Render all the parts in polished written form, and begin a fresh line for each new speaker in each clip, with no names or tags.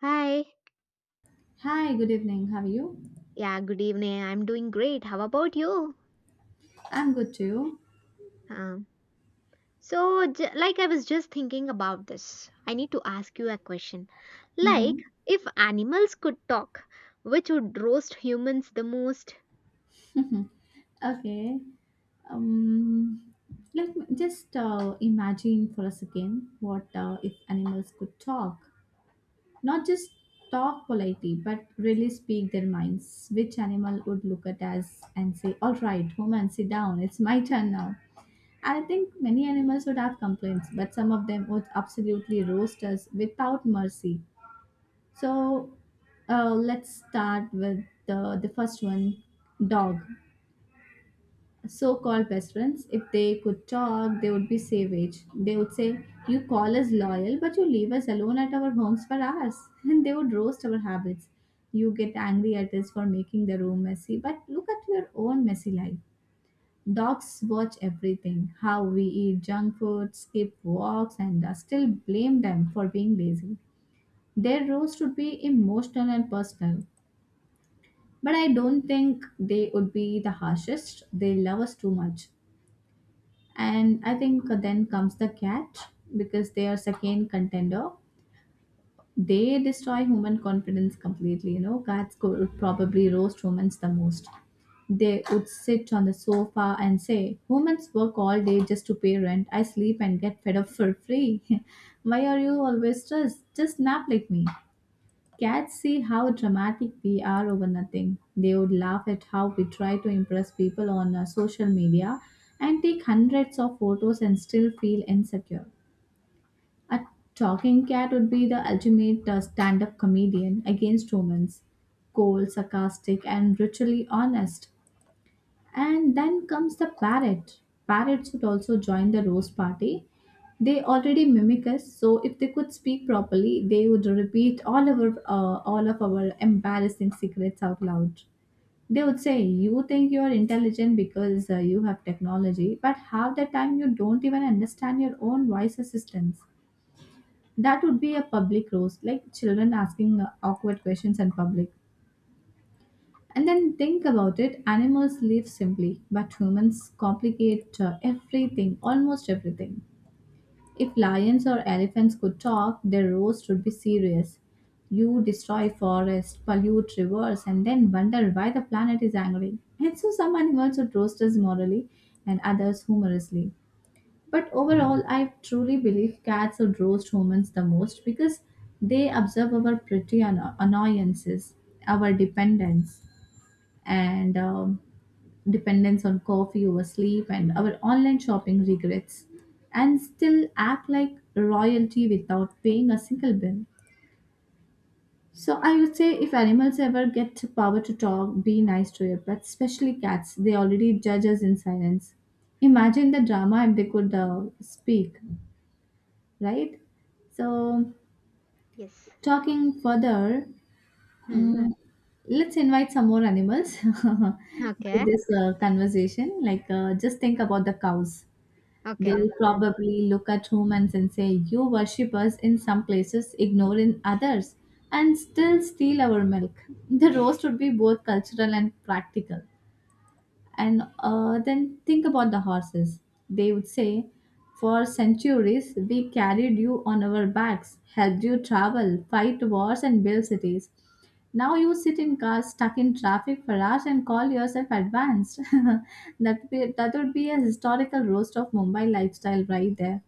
Hi.
Hi, good evening. How are you?
Yeah, good evening. I'm doing great. How about you?
I'm good too.
Um, like, I was just thinking about this. I need to ask you a question.
Mm-hmm.
Like, if animals could talk, which would roast humans the most?
Okay. Um, Let me just imagine for a second what if animals could talk. Not just talk politely, but really speak their minds. Which animal would look at us and say, all right, woman, sit down. It's my turn now. I think many animals would have complaints, but some of them would absolutely roast us without mercy. So let's start with the first one, dog. So called best friends, if they could talk, they would be savage. They would say, you call us loyal, but you leave us alone at our homes for hours. And they would roast our habits. You get angry at us for making the room messy, but look at your own messy life. Dogs watch everything, how we eat junk food, skip walks, and still blame them for being lazy. Their roast would be emotional and personal. But I don't think they would be the harshest. They love us too much. And I think then comes the cat, because they are second contender. They destroy human confidence completely. You know, cats could probably roast humans the most. They would sit on the sofa and say, humans work all day just to pay rent. I sleep and get fed up for free. Why are you always stressed? Just nap like me. Cats see how dramatic we are over nothing. They would laugh at how we try to impress people on social media and take hundreds of photos and still feel insecure. A talking cat would be the ultimate stand up comedian against humans, cold, sarcastic, and brutally honest. And then comes the parrot. Parrots would also join the roast party. They already mimic us, so if they could speak properly, they would repeat all of our embarrassing secrets out loud. They would say, "You think you are intelligent because you have technology, but half the time you don't even understand your own voice assistance." That would be a public roast, like children asking awkward questions in public. And then think about it, animals live simply, but humans complicate everything, almost everything. If lions or elephants could talk, their roast would be serious. You destroy forests, pollute rivers, and then wonder why the planet is angry. And so some animals would roast us morally and others humorously. But overall, I truly believe cats would roast humans the most because they observe our petty annoyances, our dependence and dependence on coffee over sleep and our online shopping regrets and still act like royalty without paying a single bill. So I would say if animals ever get the power to talk, be nice to your pets, especially cats. They already judge us in silence. Imagine the drama if they could speak, right? So
Yes.
talking further,
Hmm.
mm, let's invite some more animals to
Okay.
this conversation. Like, just think about the cows. They'll
Okay. Hmm.
probably look at humans and say, you worship us in some places, ignore in others, and still steal our milk. The roast would be both cultural and practical. And then think about the horses. They would say, for centuries, we carried you on our backs, helped you travel, fight wars, and build cities. Now you sit in cars stuck in traffic for hours and call yourself advanced. That would be a historical roast of Mumbai lifestyle right there.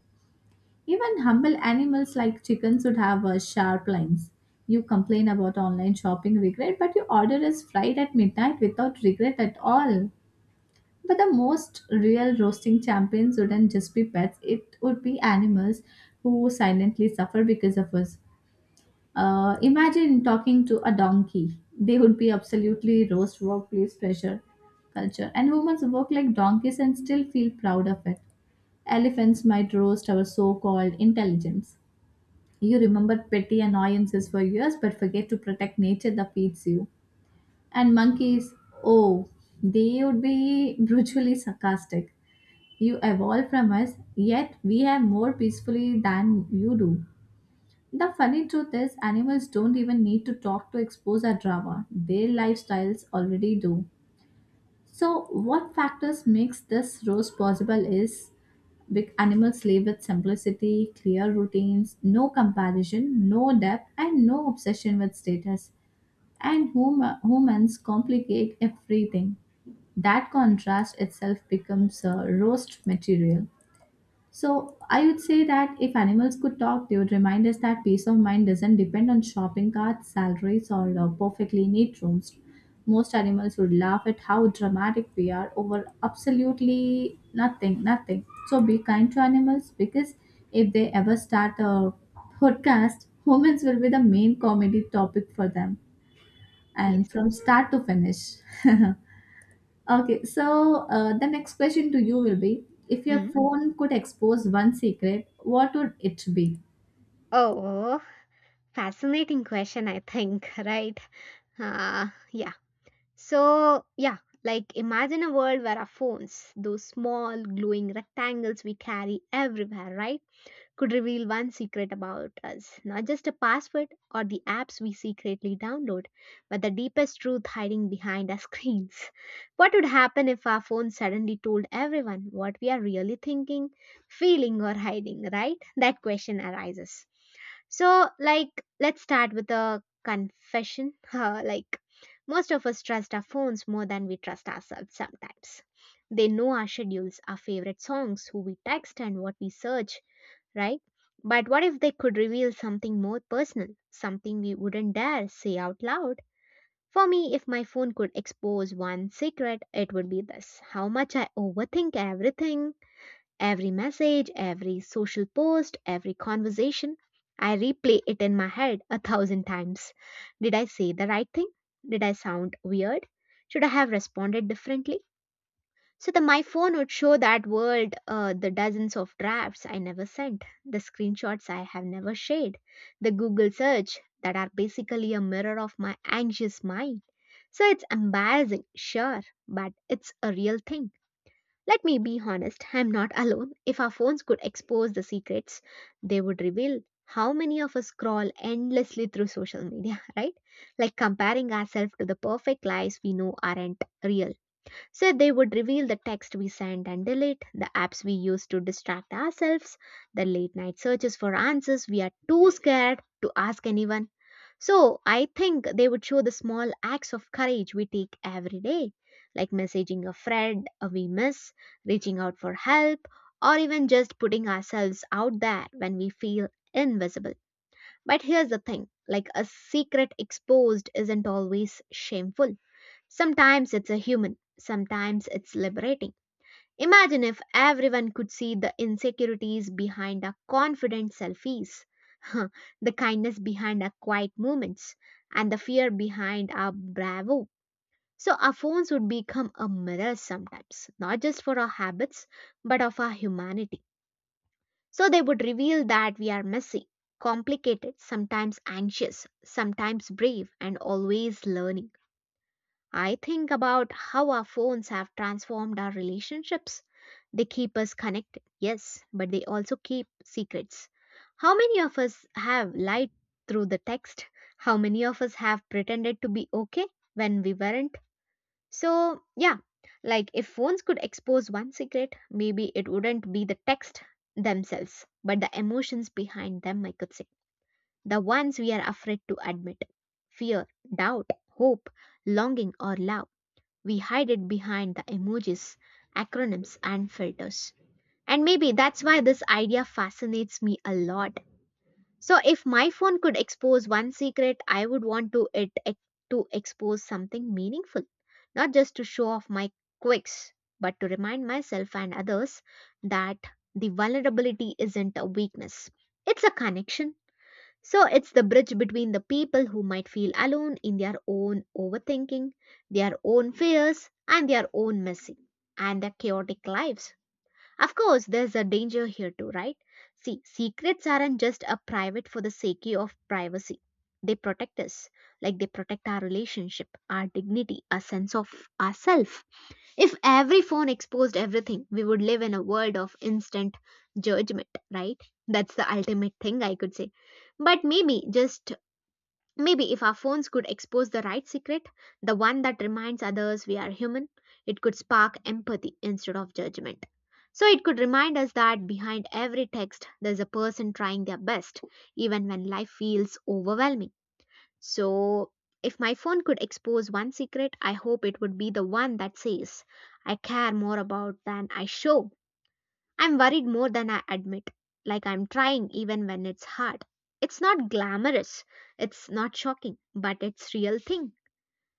Even humble animals like chickens would have sharp lines. You complain about online shopping regret, but your order is fried at midnight without regret at all. But the most real roasting champions wouldn't just be pets, it would be animals who silently suffer because of us. Imagine talking to a donkey. They would be absolutely roast workplace pressure culture. And humans work like donkeys and still feel proud of it. Elephants might roast our so called intelligence. You remember petty annoyances for years but forget to protect nature that feeds you. And monkeys, oh, they would be brutally sarcastic. You evolve from us, yet we have more peacefully than you do. The funny truth is, animals don't even need to talk to expose our drama. Their lifestyles already do. So, what factors makes this roast possible is, big animals live with simplicity, clear routines, no comparison, no depth, and no obsession with status. And humans complicate everything. That contrast itself becomes a roast material. So I would say that if animals could talk, they would remind us that peace of mind doesn't depend on shopping carts, salaries, or perfectly neat rooms. Most animals would laugh at how dramatic we are over absolutely nothing, nothing. So be kind to animals, because if they ever start a podcast, humans will be the main comedy topic for them
Yes.
and from start to finish. Okay, so the next question to you will be, if your
Hmm.
phone could expose one secret, what would it be?
Oh, fascinating question, I think, right? Uh, yeah. Yeah. Like, imagine a world where our phones, those small glowing rectangles we carry everywhere, right? Could reveal one secret about us, not just a password or the apps we secretly download, but the deepest truth hiding behind our screens. What would happen if our phone suddenly told everyone what we are really thinking, feeling, or hiding, right? That question arises. So, like, let's start with a confession. Most of us trust our phones more than we trust ourselves sometimes. They know our schedules, our favorite songs, who we text, and what we search, right? But what if they could reveal something more personal, something we wouldn't dare say out loud? For me, if my phone could expose one secret, it would be this: how much I overthink everything, every message, every social post, every conversation. I replay it in my head a thousand times. Did I say the right thing? Did I sound weird? Should I have responded differently? So the my phone would show that world, the dozens of drafts I never sent, the screenshots I have never shared, the Google search that are basically a mirror of my anxious mind. So it's embarrassing, sure, but it's a real thing. Let me be honest, I'm not alone. If our phones could expose the secrets, they would reveal how many of us scroll endlessly through social media, right? Like comparing ourselves to the perfect lives we know aren't real. So they would reveal the text we send and delete, the apps we use to distract ourselves, the late night searches for answers we are too scared to ask anyone. So I think they would show the small acts of courage we take every day, like messaging a friend we miss, reaching out for help, or even just putting ourselves out there when we feel invisible. But here's the thing, like, a secret exposed isn't always shameful. Sometimes it's a human, sometimes it's liberating. Imagine if everyone could see the insecurities behind our confident selfies, the kindness behind our quiet moments, and the fear behind our bravo. So our phones would become a mirror sometimes, not just for our habits, but of our humanity. So they would reveal that we are messy, complicated, sometimes anxious, sometimes brave, and always learning. I think about how our phones have transformed our relationships. They keep us connected, yes, but they also keep secrets. How many of us have lied through the text? How many of us have pretended to be okay when we weren't? So, yeah, like, if phones could expose one secret, maybe it wouldn't be the text themselves, but the emotions behind them, I could say. The ones we are afraid to admit: fear, doubt, hope, longing, or love. We hide it behind the emojis, acronyms, and filters. And maybe that's why this idea fascinates me a lot. So, if my phone could expose one secret, I would want to expose something meaningful, not just to show off my quirks, but to remind myself and others that the vulnerability isn't a weakness; it's a connection. So it's the bridge between the people who might feel alone in their own overthinking, their own fears, and their own messy and their chaotic lives. Of course, there's a danger here too, right? See, secrets aren't just a private for the sake of privacy. They protect us, like they protect our relationship, our dignity, our sense of ourself. If every phone exposed everything, we would live in a world of instant judgment, right? That's the ultimate thing I could say. But maybe, just maybe, if our phones could expose the right secret, the one that reminds others we are human, it could spark empathy instead of judgment. So it could remind us that behind every text, there's a person trying their best, even when life feels overwhelming. So, if my phone could expose one secret, I hope it would be the one that says, I care more about than I show. I'm worried more than I admit. Like, I'm trying even when it's hard. It's not glamorous, it's not shocking, but it's real thing.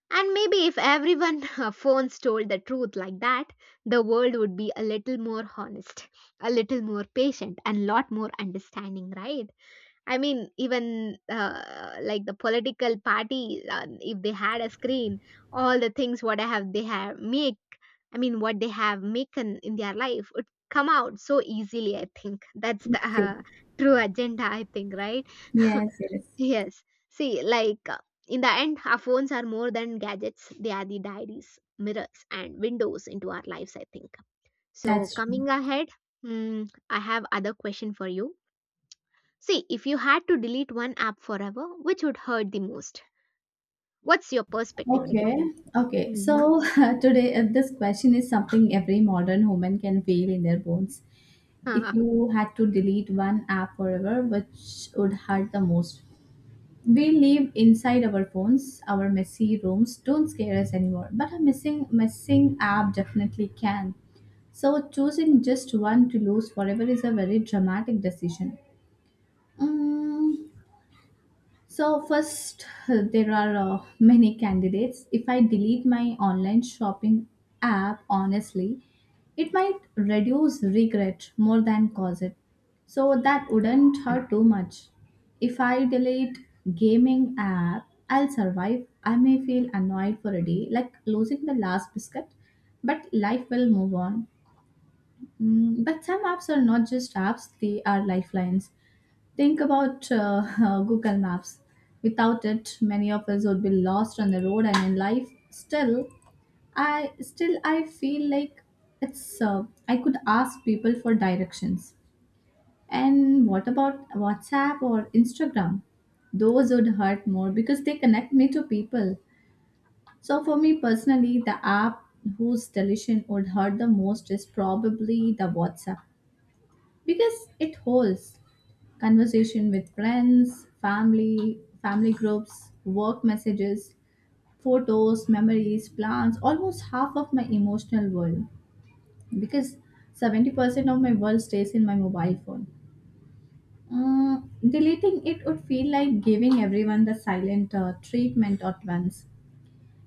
And maybe if everyone phones told the truth like that, the world would be a little more honest, a little more patient, and lot more understanding, right? I mean, even the political party, if they had a screen, all the things what I have they have make, I mean, what they have making in their life would come out so easily. I think that's the
Okay.
true agenda. I think, right?
Yes, yes,
Yes. See, like, in the end, our phones are more than gadgets. They are the diaries, mirrors, and windows into our lives. I think. So
that's true.
coming ahead, mm, I have other question for you. See, if you had to delete one app forever, which would hurt the most? What's your perspective
Okay,
regarding that?
okay.
Mhm.
So today, this question is something every modern woman can feel in their bones. If
Huh.
you had to delete one app forever, which would hurt the most? We live inside our phones. Our messy rooms don't scare us anymore, but a missing app definitely can. So choosing just one to lose forever is a very dramatic decision. Mm, so first, there are many candidates. If I delete my online shopping app, honestly, it might reduce regret more than cause it. So that wouldn't hurt too much. If I delete gaming app, I'll survive. I may feel annoyed for a day, like losing the last biscuit, but life will move on. But some apps are not just apps; they are lifelines. Think about Google Maps. Without it, many of us would be lost on the road and in life. Still, I feel like it's I could ask people for directions. And what about WhatsApp or Instagram? Those would hurt more because they connect me to people. So for me personally, the app whose deletion would hurt the most is probably the WhatsApp, because it holds conversation with friends, family, family groups, work messages, photos, memories, plans, almost half of my emotional world, because 70% of my world stays in my mobile phone. Deleting it would feel like giving everyone the silent treatment at once.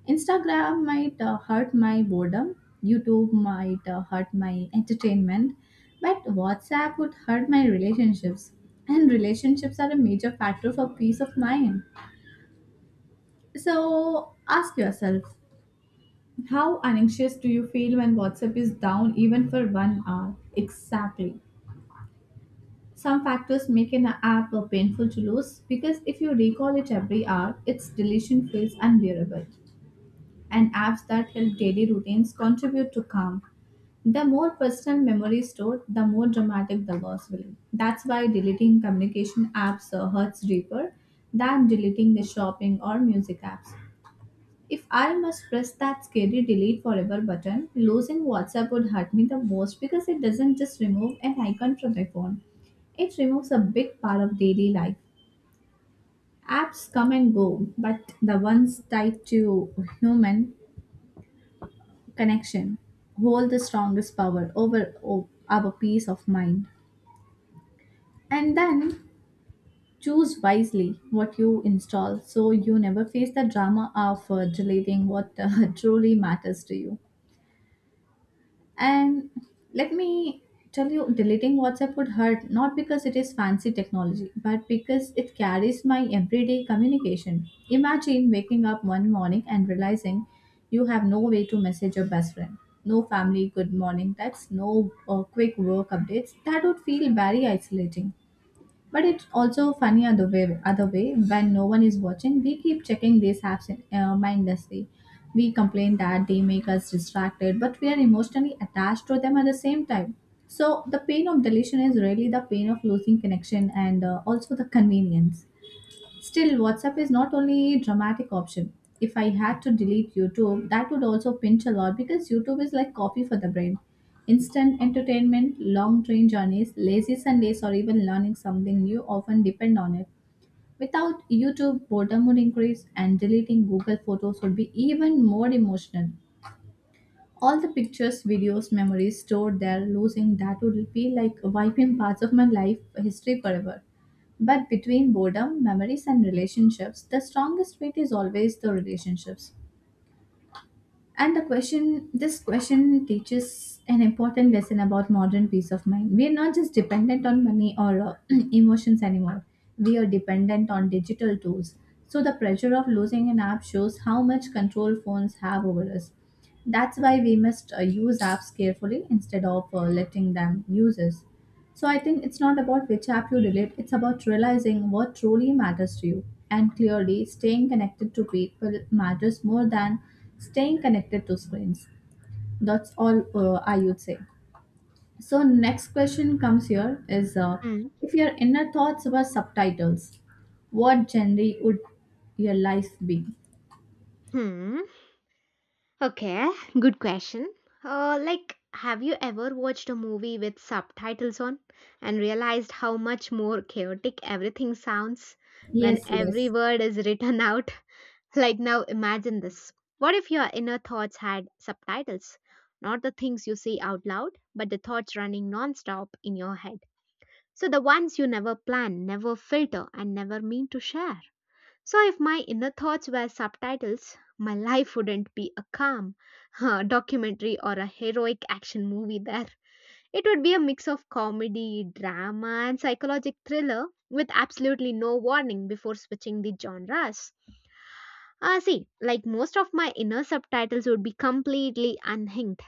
Instagram might hurt my boredom, YouTube might hurt my entertainment, but WhatsApp would hurt my relationships. And relationships are a major factor for peace of mind. So ask yourself, how anxious do you feel when WhatsApp is down even for 1 hour? Exactly. Some factors make an app painful to lose, because if you recall it every hour, its deletion feels unbearable. And apps that help daily routines contribute to calm. The more personal memory stored, the more dramatic the loss will be. That's why deleting communication apps hurts deeper than deleting the shopping or music apps. If I must press that scary delete forever button, losing WhatsApp would hurt me the most because it doesn't just remove an icon from my phone. It removes a big part of daily life. Apps come and go, but the ones tied to human connection hold the strongest power over our peace of mind, and then choose wisely what you install so you never face the drama of deleting what truly matters to you. And let me tell you, deleting WhatsApp would hurt not because it is fancy technology, but because it carries my everyday communication. Imagine waking up one morning and realizing you have no way to message your best friend. No family good morning texts, no quick work updates. That would feel very isolating. But it's also funny other way. Other way, when no one is watching, we keep checking these apps mindlessly. We complain that they make us distracted, but we are emotionally attached to them at the same time. So the pain of deletion is really the pain of losing connection and also the convenience. Still, WhatsApp is not only a dramatic option. If I had to delete YouTube, that would also pinch a lot because YouTube is like coffee for the brain. Instant entertainment, long train journeys, lazy Sundays, or even learning something new often depend on it. Without YouTube, boredom would increase, and deleting Google Photos would be even more emotional. All the pictures, videos, memories stored there, losing that would be like wiping parts of my life history forever. But between boredom, memories, and relationships, the strongest fit is always the relationships. And the question, this question teaches an important lesson about modern peace of mind. We are not just dependent on money or emotions anymore. We are dependent on digital tools. So the pressure of losing an app shows how much control phones have over us. That's why we must use apps carefully instead of letting them use us. So I think it's not about which app you delete, it's about realizing what truly matters to you. And clearly, staying connected to people matters more than staying connected to screens. That's all I would say. So next question comes here is
Hmm.
if your inner thoughts were subtitles, what genre would your life be?
Hmm. Okay, good question. Like, have you ever watched a movie with subtitles on and realized how much more chaotic everything sounds when
Yes,
every
yes.
word is written out? Like, now imagine this. What if your inner thoughts had subtitles? Not the things you say out loud, but the thoughts running non stop in your head. So the ones you never plan, never filter, and never mean to share. So if my inner thoughts were subtitles, my life wouldn't be a calm documentary or a heroic action movie there. It would be a mix of comedy, drama, and psychological thriller with absolutely no warning before switching the genres. See, like, most of my inner subtitles would be completely unhinged.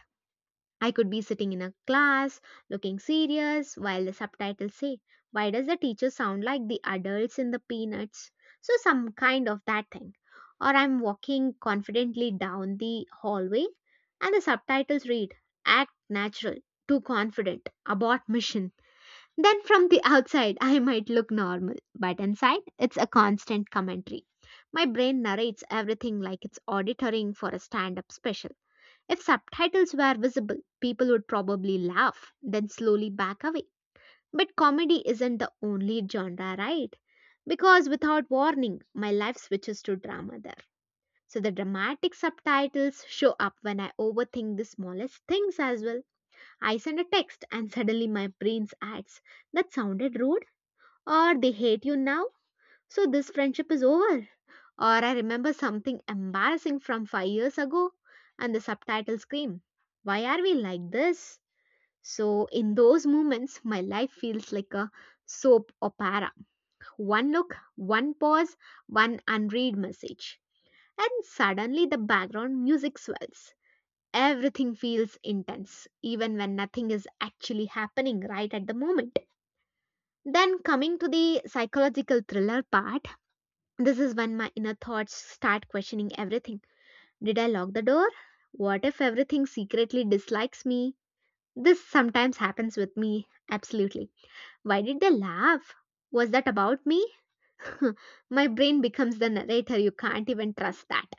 I could be sitting in a class looking serious while the subtitles say, Why does the teacher sound like the adults in the peanuts? So, some kind of that thing. Or I'm walking confidently down the hallway and the subtitles read, Act natural, too confident, abort mission. Then from the outside, I might look normal, but inside, it's a constant commentary. My brain narrates everything like it's auditoring for a stand up special. If subtitles were visible, people would probably laugh, then slowly back away. But comedy isn't the only genre, right? Because without warning, my life switches to drama there. So the dramatic subtitles show up when I overthink the smallest things as well. I send a text and suddenly my brain adds, That sounded rude, or they hate you now, so this friendship is over. Or I remember something embarrassing from 5 years ago and the subtitle scream, Why are we like this? So, in those moments, my life feels like a soap opera. One look, one pause, one unread message. And suddenly the background music swells. Everything feels intense, even when nothing is actually happening right at the moment. Then, coming to the psychological thriller part, this is when my inner thoughts start questioning everything. Did I lock the door? What if everything secretly dislikes me? This sometimes happens with me, absolutely. Why did they laugh? Was that about me? My brain becomes the narrator, you can't even trust that.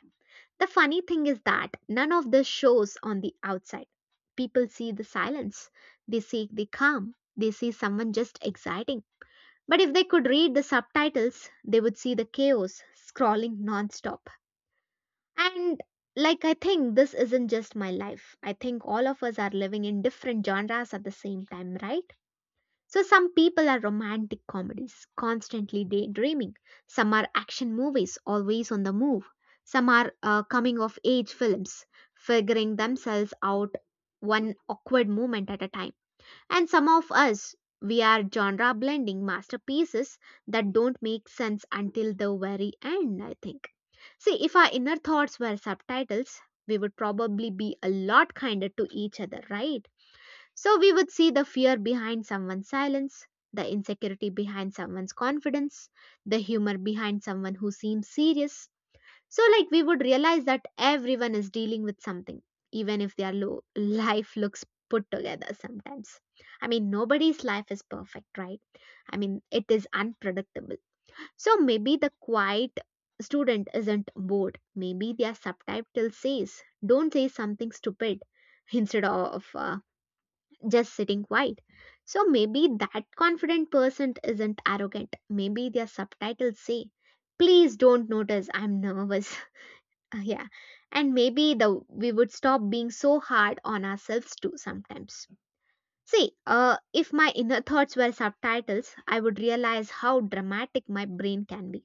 The funny thing is that none of this shows on the outside. People see the silence, they seek the calm, they see someone just exciting. But if they could read the subtitles, they would see the chaos scrawling nonstop. And, like, I think this isn't just my life. I think all of us are living in different genres at the same time, right? So some people are romantic comedies, constantly daydreaming. Some are action movies, always on the move. Some are coming of age films, figuring themselves out one awkward moment at a time, and some of us, we are genre blending masterpieces that don't make sense until the very end, I think. See, if our inner thoughts were subtitles, we would probably be a lot kinder to each other, right? So we would see the fear behind someone's silence, the insecurity behind someone's confidence, the humor behind someone who seems serious. So, like, we would realize that everyone is dealing with something, even if their life looks put together sometimes. I mean, nobody's life is perfect, right? I mean, it is unpredictable. So, maybe the quiet student isn't bored. Maybe their subtitle says, don't say something stupid instead of just sitting quiet. So, maybe that confident person isn't arrogant. Maybe their subtitles say, please don't notice I'm nervous. Yeah. And maybe the we would stop being so hard on ourselves too sometimes. See, if my inner thoughts were subtitles, I would realize how dramatic my brain can be.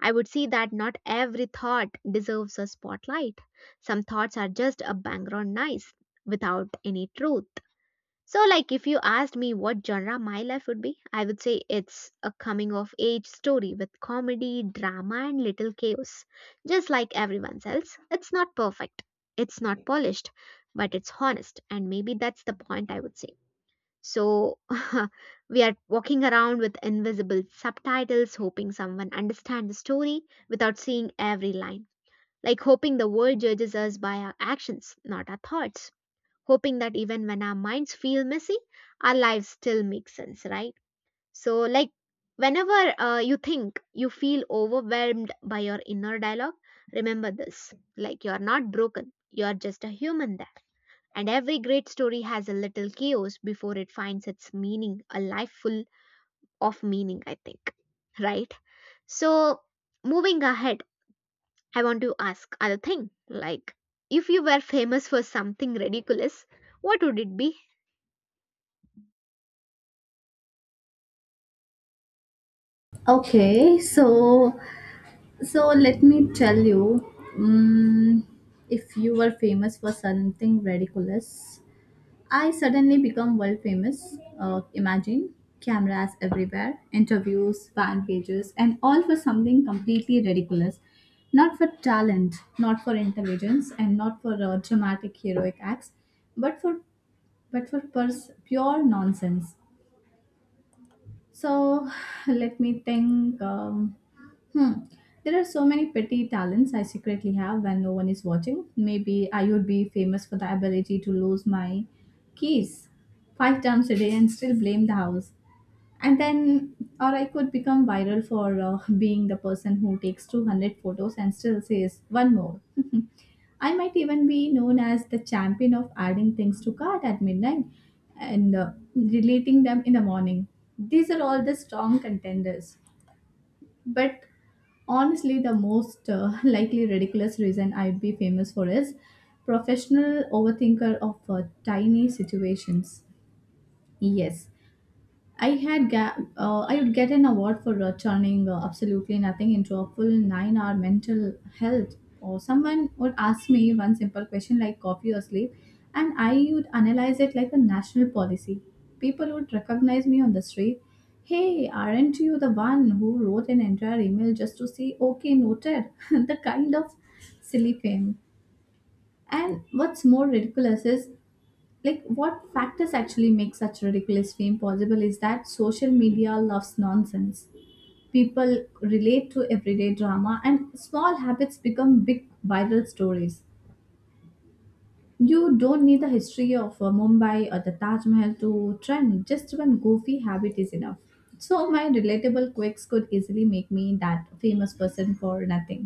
I would see that not every thought deserves a spotlight. Some thoughts are just a background noise without any truth. So, like, if you asked me what genre my life would be, I would say it's a coming of age story with comedy, drama, and little chaos. Just like everyone else, it's not perfect, it's not polished, but it's honest, and maybe that's the point I would say. So, we are walking around with invisible subtitles, hoping someone understands the story without seeing every line. Like, hoping the world judges us by our actions, not our thoughts, hoping that even when our minds feel messy, our lives still make sense, right? So, like, whenever you think you feel overwhelmed by your inner dialogue, remember this, like, you're not broken, you're just a human there. And every great story has a little chaos before it finds its meaning, a life full of meaning, I think, right? So, moving ahead, I want to ask other thing, like, if you were famous for something ridiculous, what would it be?
Okay, so so let me tell you, if you were famous for something ridiculous, I suddenly become world famous. Imagine cameras everywhere, interviews, fan pages, and all for something completely ridiculous. Not for talent, not for intelligence, and not for dramatic heroic acts, but for but for pure nonsense. So let me think. Hmm. There are so many petty talents I secretly have when no one is watching. Maybe I would be famous for the ability to lose my keys 5 times a day and still blame the house. And then, or I could become viral for being the person who takes 200 photos and still says one more. I might even be known as the champion of adding things to cart at midnight and deleting them in the morning. These are all the strong contenders. But honestly, the most likely ridiculous reason I'd be famous for is professional overthinker of tiny situations. Yes, I would get an award for turning absolutely nothing into a full 9-hour mental health. Or someone would ask me one simple question like coffee or sleep, and I would analyze it like a national policy. People would recognize me on the street. Hey, aren't you the one who wrote an entire email just to say okay noted? the kind of silly fame. And what's more ridiculous is like what factors actually make such ridiculous fame possible is that social media loves nonsense, people relate to everyday drama, and small habits become big viral stories. You don't need the history of Mumbai or the Taj Mahal to trend. Just one goofy habit is enough. So my relatable quirks could easily make me that famous person for nothing.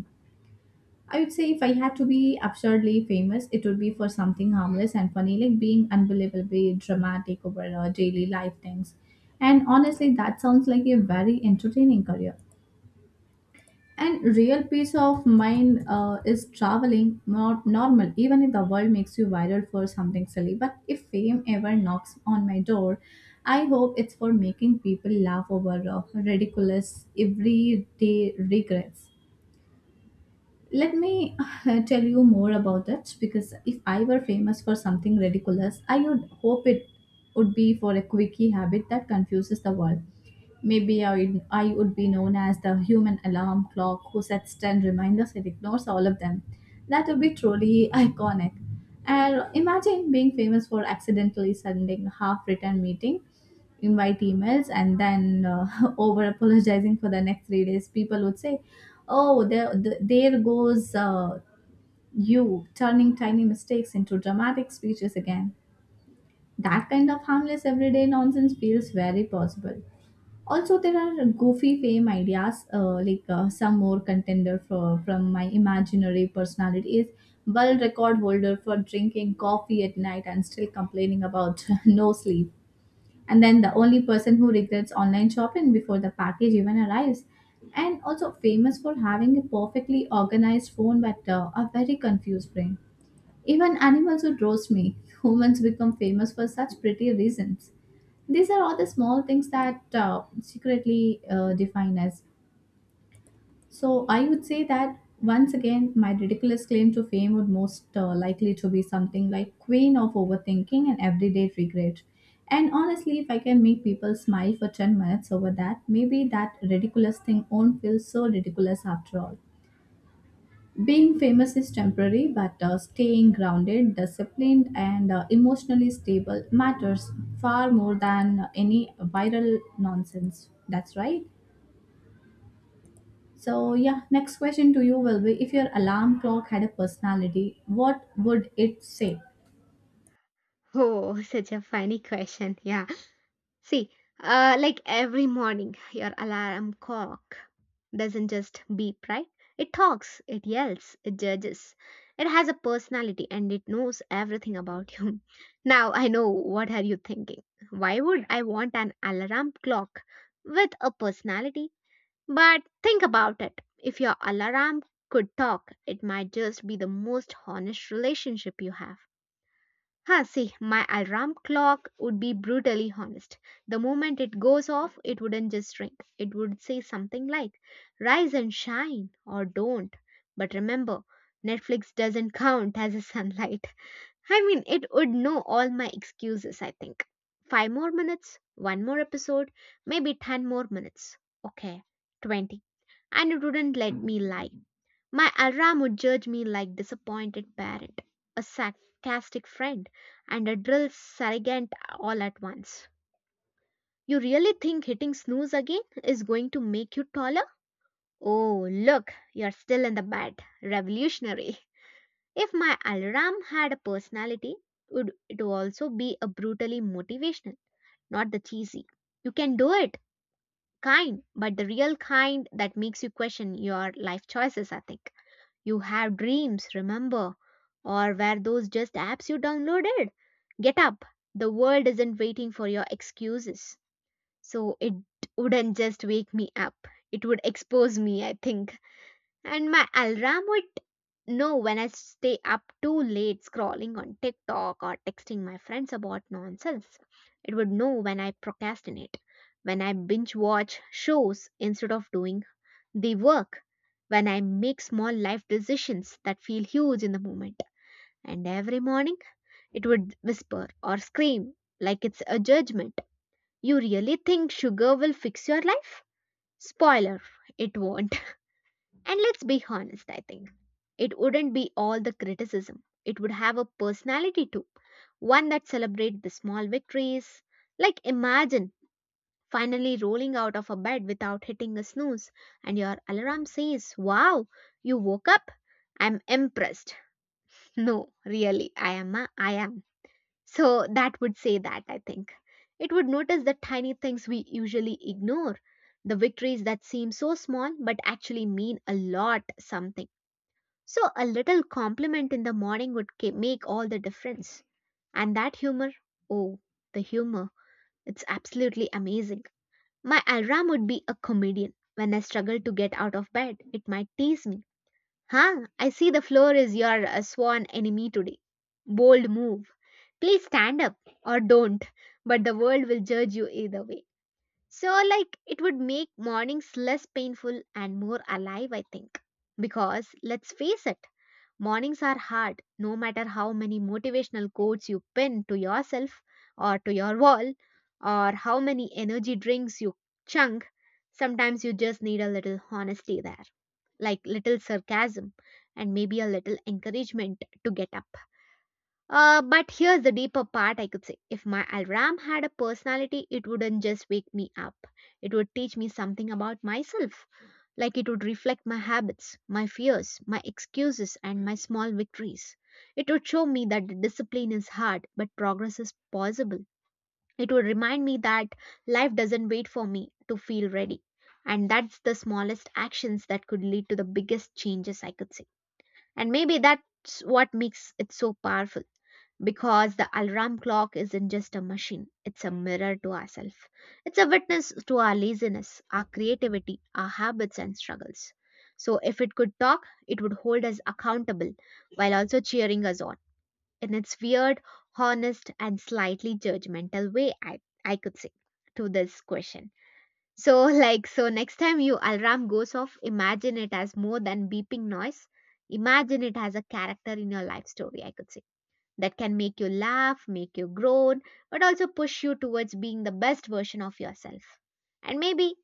I would say if I had to be absurdly famous, it would be for something harmless and funny, like being unbelievably dramatic over our daily life things. And honestly, that sounds like a very entertaining career. And real peace of mind is traveling, not normal, even if the world makes you viral for something silly. But if fame ever knocks on my door, I hope it's for making people laugh over ridiculous everyday regrets. Let me tell you more about that because if I were famous for something ridiculous, I would hope it would be for a quickie habit that confuses the world. I would be known as the human alarm clock who sets 10 reminders and ignores all of them. That would be truly iconic. And imagine being famous for accidentally sending a half written meeting, invite emails, and then over apologizing for the next 3 days. People would say, Oh, there goes you turning tiny mistakes into dramatic speeches again. That kind of harmless everyday nonsense feels very possible. Also, there are goofy fame ideas, some more contender for from my imaginary personality is world record holder for drinking coffee at night and still complaining about no sleep, and then the only person who regrets online shopping before the package even arrives, and also famous for having a perfectly organized phone but a very confused brain. Even animals would roast me. humans become famous for such pretty reasons. These are all the small things that secretly define us. So I would say that once again, my ridiculous claim to fame would most likely to be something like queen of overthinking and everyday regret. And honestly, if I can make people smile for 10 minutes over that, maybe that ridiculous thing won't feel so ridiculous after all. Being famous is temporary, but staying grounded, disciplined, and emotionally stable matters far more than any viral nonsense. That's right. So, yeah, next question to you will be if your alarm clock had a personality, what would it say?
Oh, such a funny question. Yeah. See, like every morning, your alarm clock doesn't just beep, right? It talks, it yells, it judges. It has a personality and it knows everything about you. Now, I know what are you thinking. Why would I want an alarm clock with a personality? But think about it. If your alarm could talk, it might just be the most honest relationship you have. Ha, see, my alarm clock would be brutally honest. The moment it goes off, it wouldn't just ring. It would say something like, "Rise and shine, or don't. But remember, Netflix doesn't count as a sunlight." I mean, it would know all my excuses, I think. Five more minutes, one more episode, maybe ten more minutes. Okay, 20. And it wouldn't let me lie. My alarm would judge me like disappointed parent, a sarcastic friend, and a drill sergeant all at once. "You really think hitting snooze again is going to make you taller? Oh, look, you're still in the bed. Revolutionary." If my alarm had a personality, would it also be a brutally motivational, not the cheesy, "You can do it," kind, but the real kind that makes you question your life choices, I think. "You have dreams, remember? Or were those just apps you downloaded? Get up. The world isn't waiting for your excuses." So it wouldn't just wake me up. It would expose me, I think. And my alarm would know when I stay up too late scrolling on TikTok or texting my friends about nonsense. It would know when I procrastinate, when I binge watch shows instead of doing they work, when I make small life decisions that feel huge in the moment. And every morning, it would whisper or scream like it's a judgment. "You really think sugar will fix your life? Spoiler, it won't." And let's be honest, I think it wouldn't be all the criticism. It would have a personality too, one that celebrates the small victories. Like, imagine finally rolling out of a bed without hitting a snooze, and your alarm says, "Wow, you woke up? I'm impressed." No, really, I am. A, I am. So that would say that, I think. It would notice the tiny things we usually ignore, the victories that seem so small but actually mean a lot something. So a little compliment in the morning would make all the difference. And that humor, oh, the humor, it's absolutely amazing. My Alram would be a comedian. When I struggle to get out of bed, it might tease me. "Huh, I see the floor is your sworn enemy today. Bold move. Please stand up or don't, but the world will judge you either way." So, like, it would make mornings less painful and more alive, I think. Because, let's face it, mornings are hard. No matter how many motivational quotes you pin to yourself or to your wall, or how many energy drinks you chunk. Sometimes you just need a little honesty there, like little sarcasm and maybe a little encouragement to get up. But here's the deeper part I could say. If my alarm had a personality, it wouldn't just wake me up. It would teach me something about myself. Like it would reflect my habits, my fears, my excuses, and my small victories. It would show me that discipline is hard, but progress is possible. It would remind me that life doesn't wait for me to feel ready. And that's the smallest actions that could lead to the biggest changes, I could say. And maybe that's what makes it so powerful because the alarm clock isn't just a machine, it's a mirror to ourselves. It's a witness to our laziness, our creativity, our habits, and struggles. So, if it could talk, it would hold us accountable while also cheering us on in its weird, honest, and slightly judgmental way, I could say, to this question. So, like, so next time your alarm goes off, imagine it as more than beeping noise. Imagine it as a character in your life story, I could say, that can make you laugh, make you groan, but also push you towards being the best version of yourself. And maybe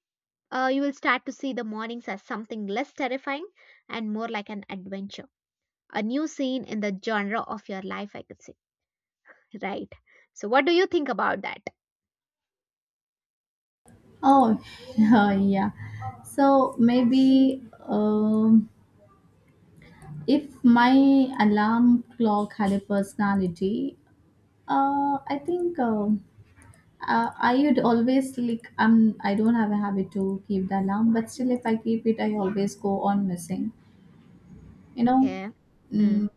you will start to see the mornings as something less terrifying and more like an adventure, a new scene in the genre of your life, I could say. Right. So, what do you think about that?
Oh, yeah. So, maybe if my alarm clock had a personality, I think. I would always I don't have a habit to keep the alarm, but still if I keep it, I always go on missing. You know,
Okay. Hmm.
Mm,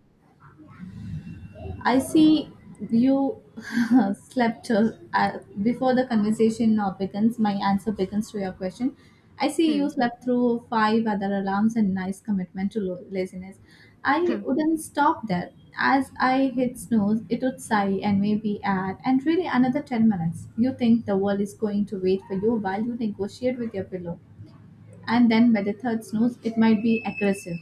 I see you slept before the conversation begins. My answer begins to your question. I see you
Hmm.
slept through 5 other alarms and nice commitment to laziness. I
Huh.
wouldn't stop there. As I hit snooze, it would sigh and maybe add, and really another 10 minutes. You think the world is going to wait for you while you negotiate with your pillow. And then by the third snooze, it might be aggressive.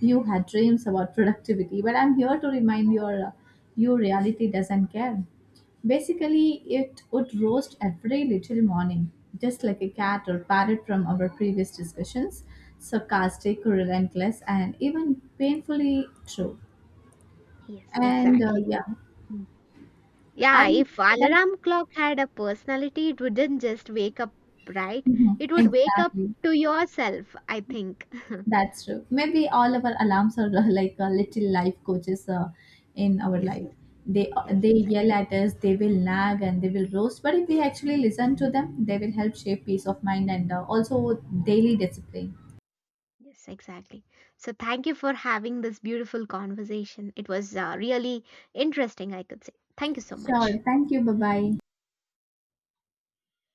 You had dreams about productivity, but I'm here to remind your you reality doesn't care. Basically, it would roast every little morning, just like a cat or parrot from our previous discussions, sarcastic, relentless, and even painfully true.
Yes,
And
exactly.
yeah,
Hmm.
I
Yeah,
would
if
say that.
alarm clock had a personality, it wouldn't just wake up, right?
Mhm,
It would wake up
exactly.
to yourself, I think.
That's true. Maybe all our alarms are like a little life coaches in our
Yes,
life. They
yes,
they
exactly.
yell at us, they will nag and they will roast. But if we actually listen to them, they will help shape peace of mind and also daily discipline.
Yes, exactly. So, thank you for having this beautiful conversation. It was really interesting, I could say. Thank you so
Sure.
much.
Thank you. Bye bye.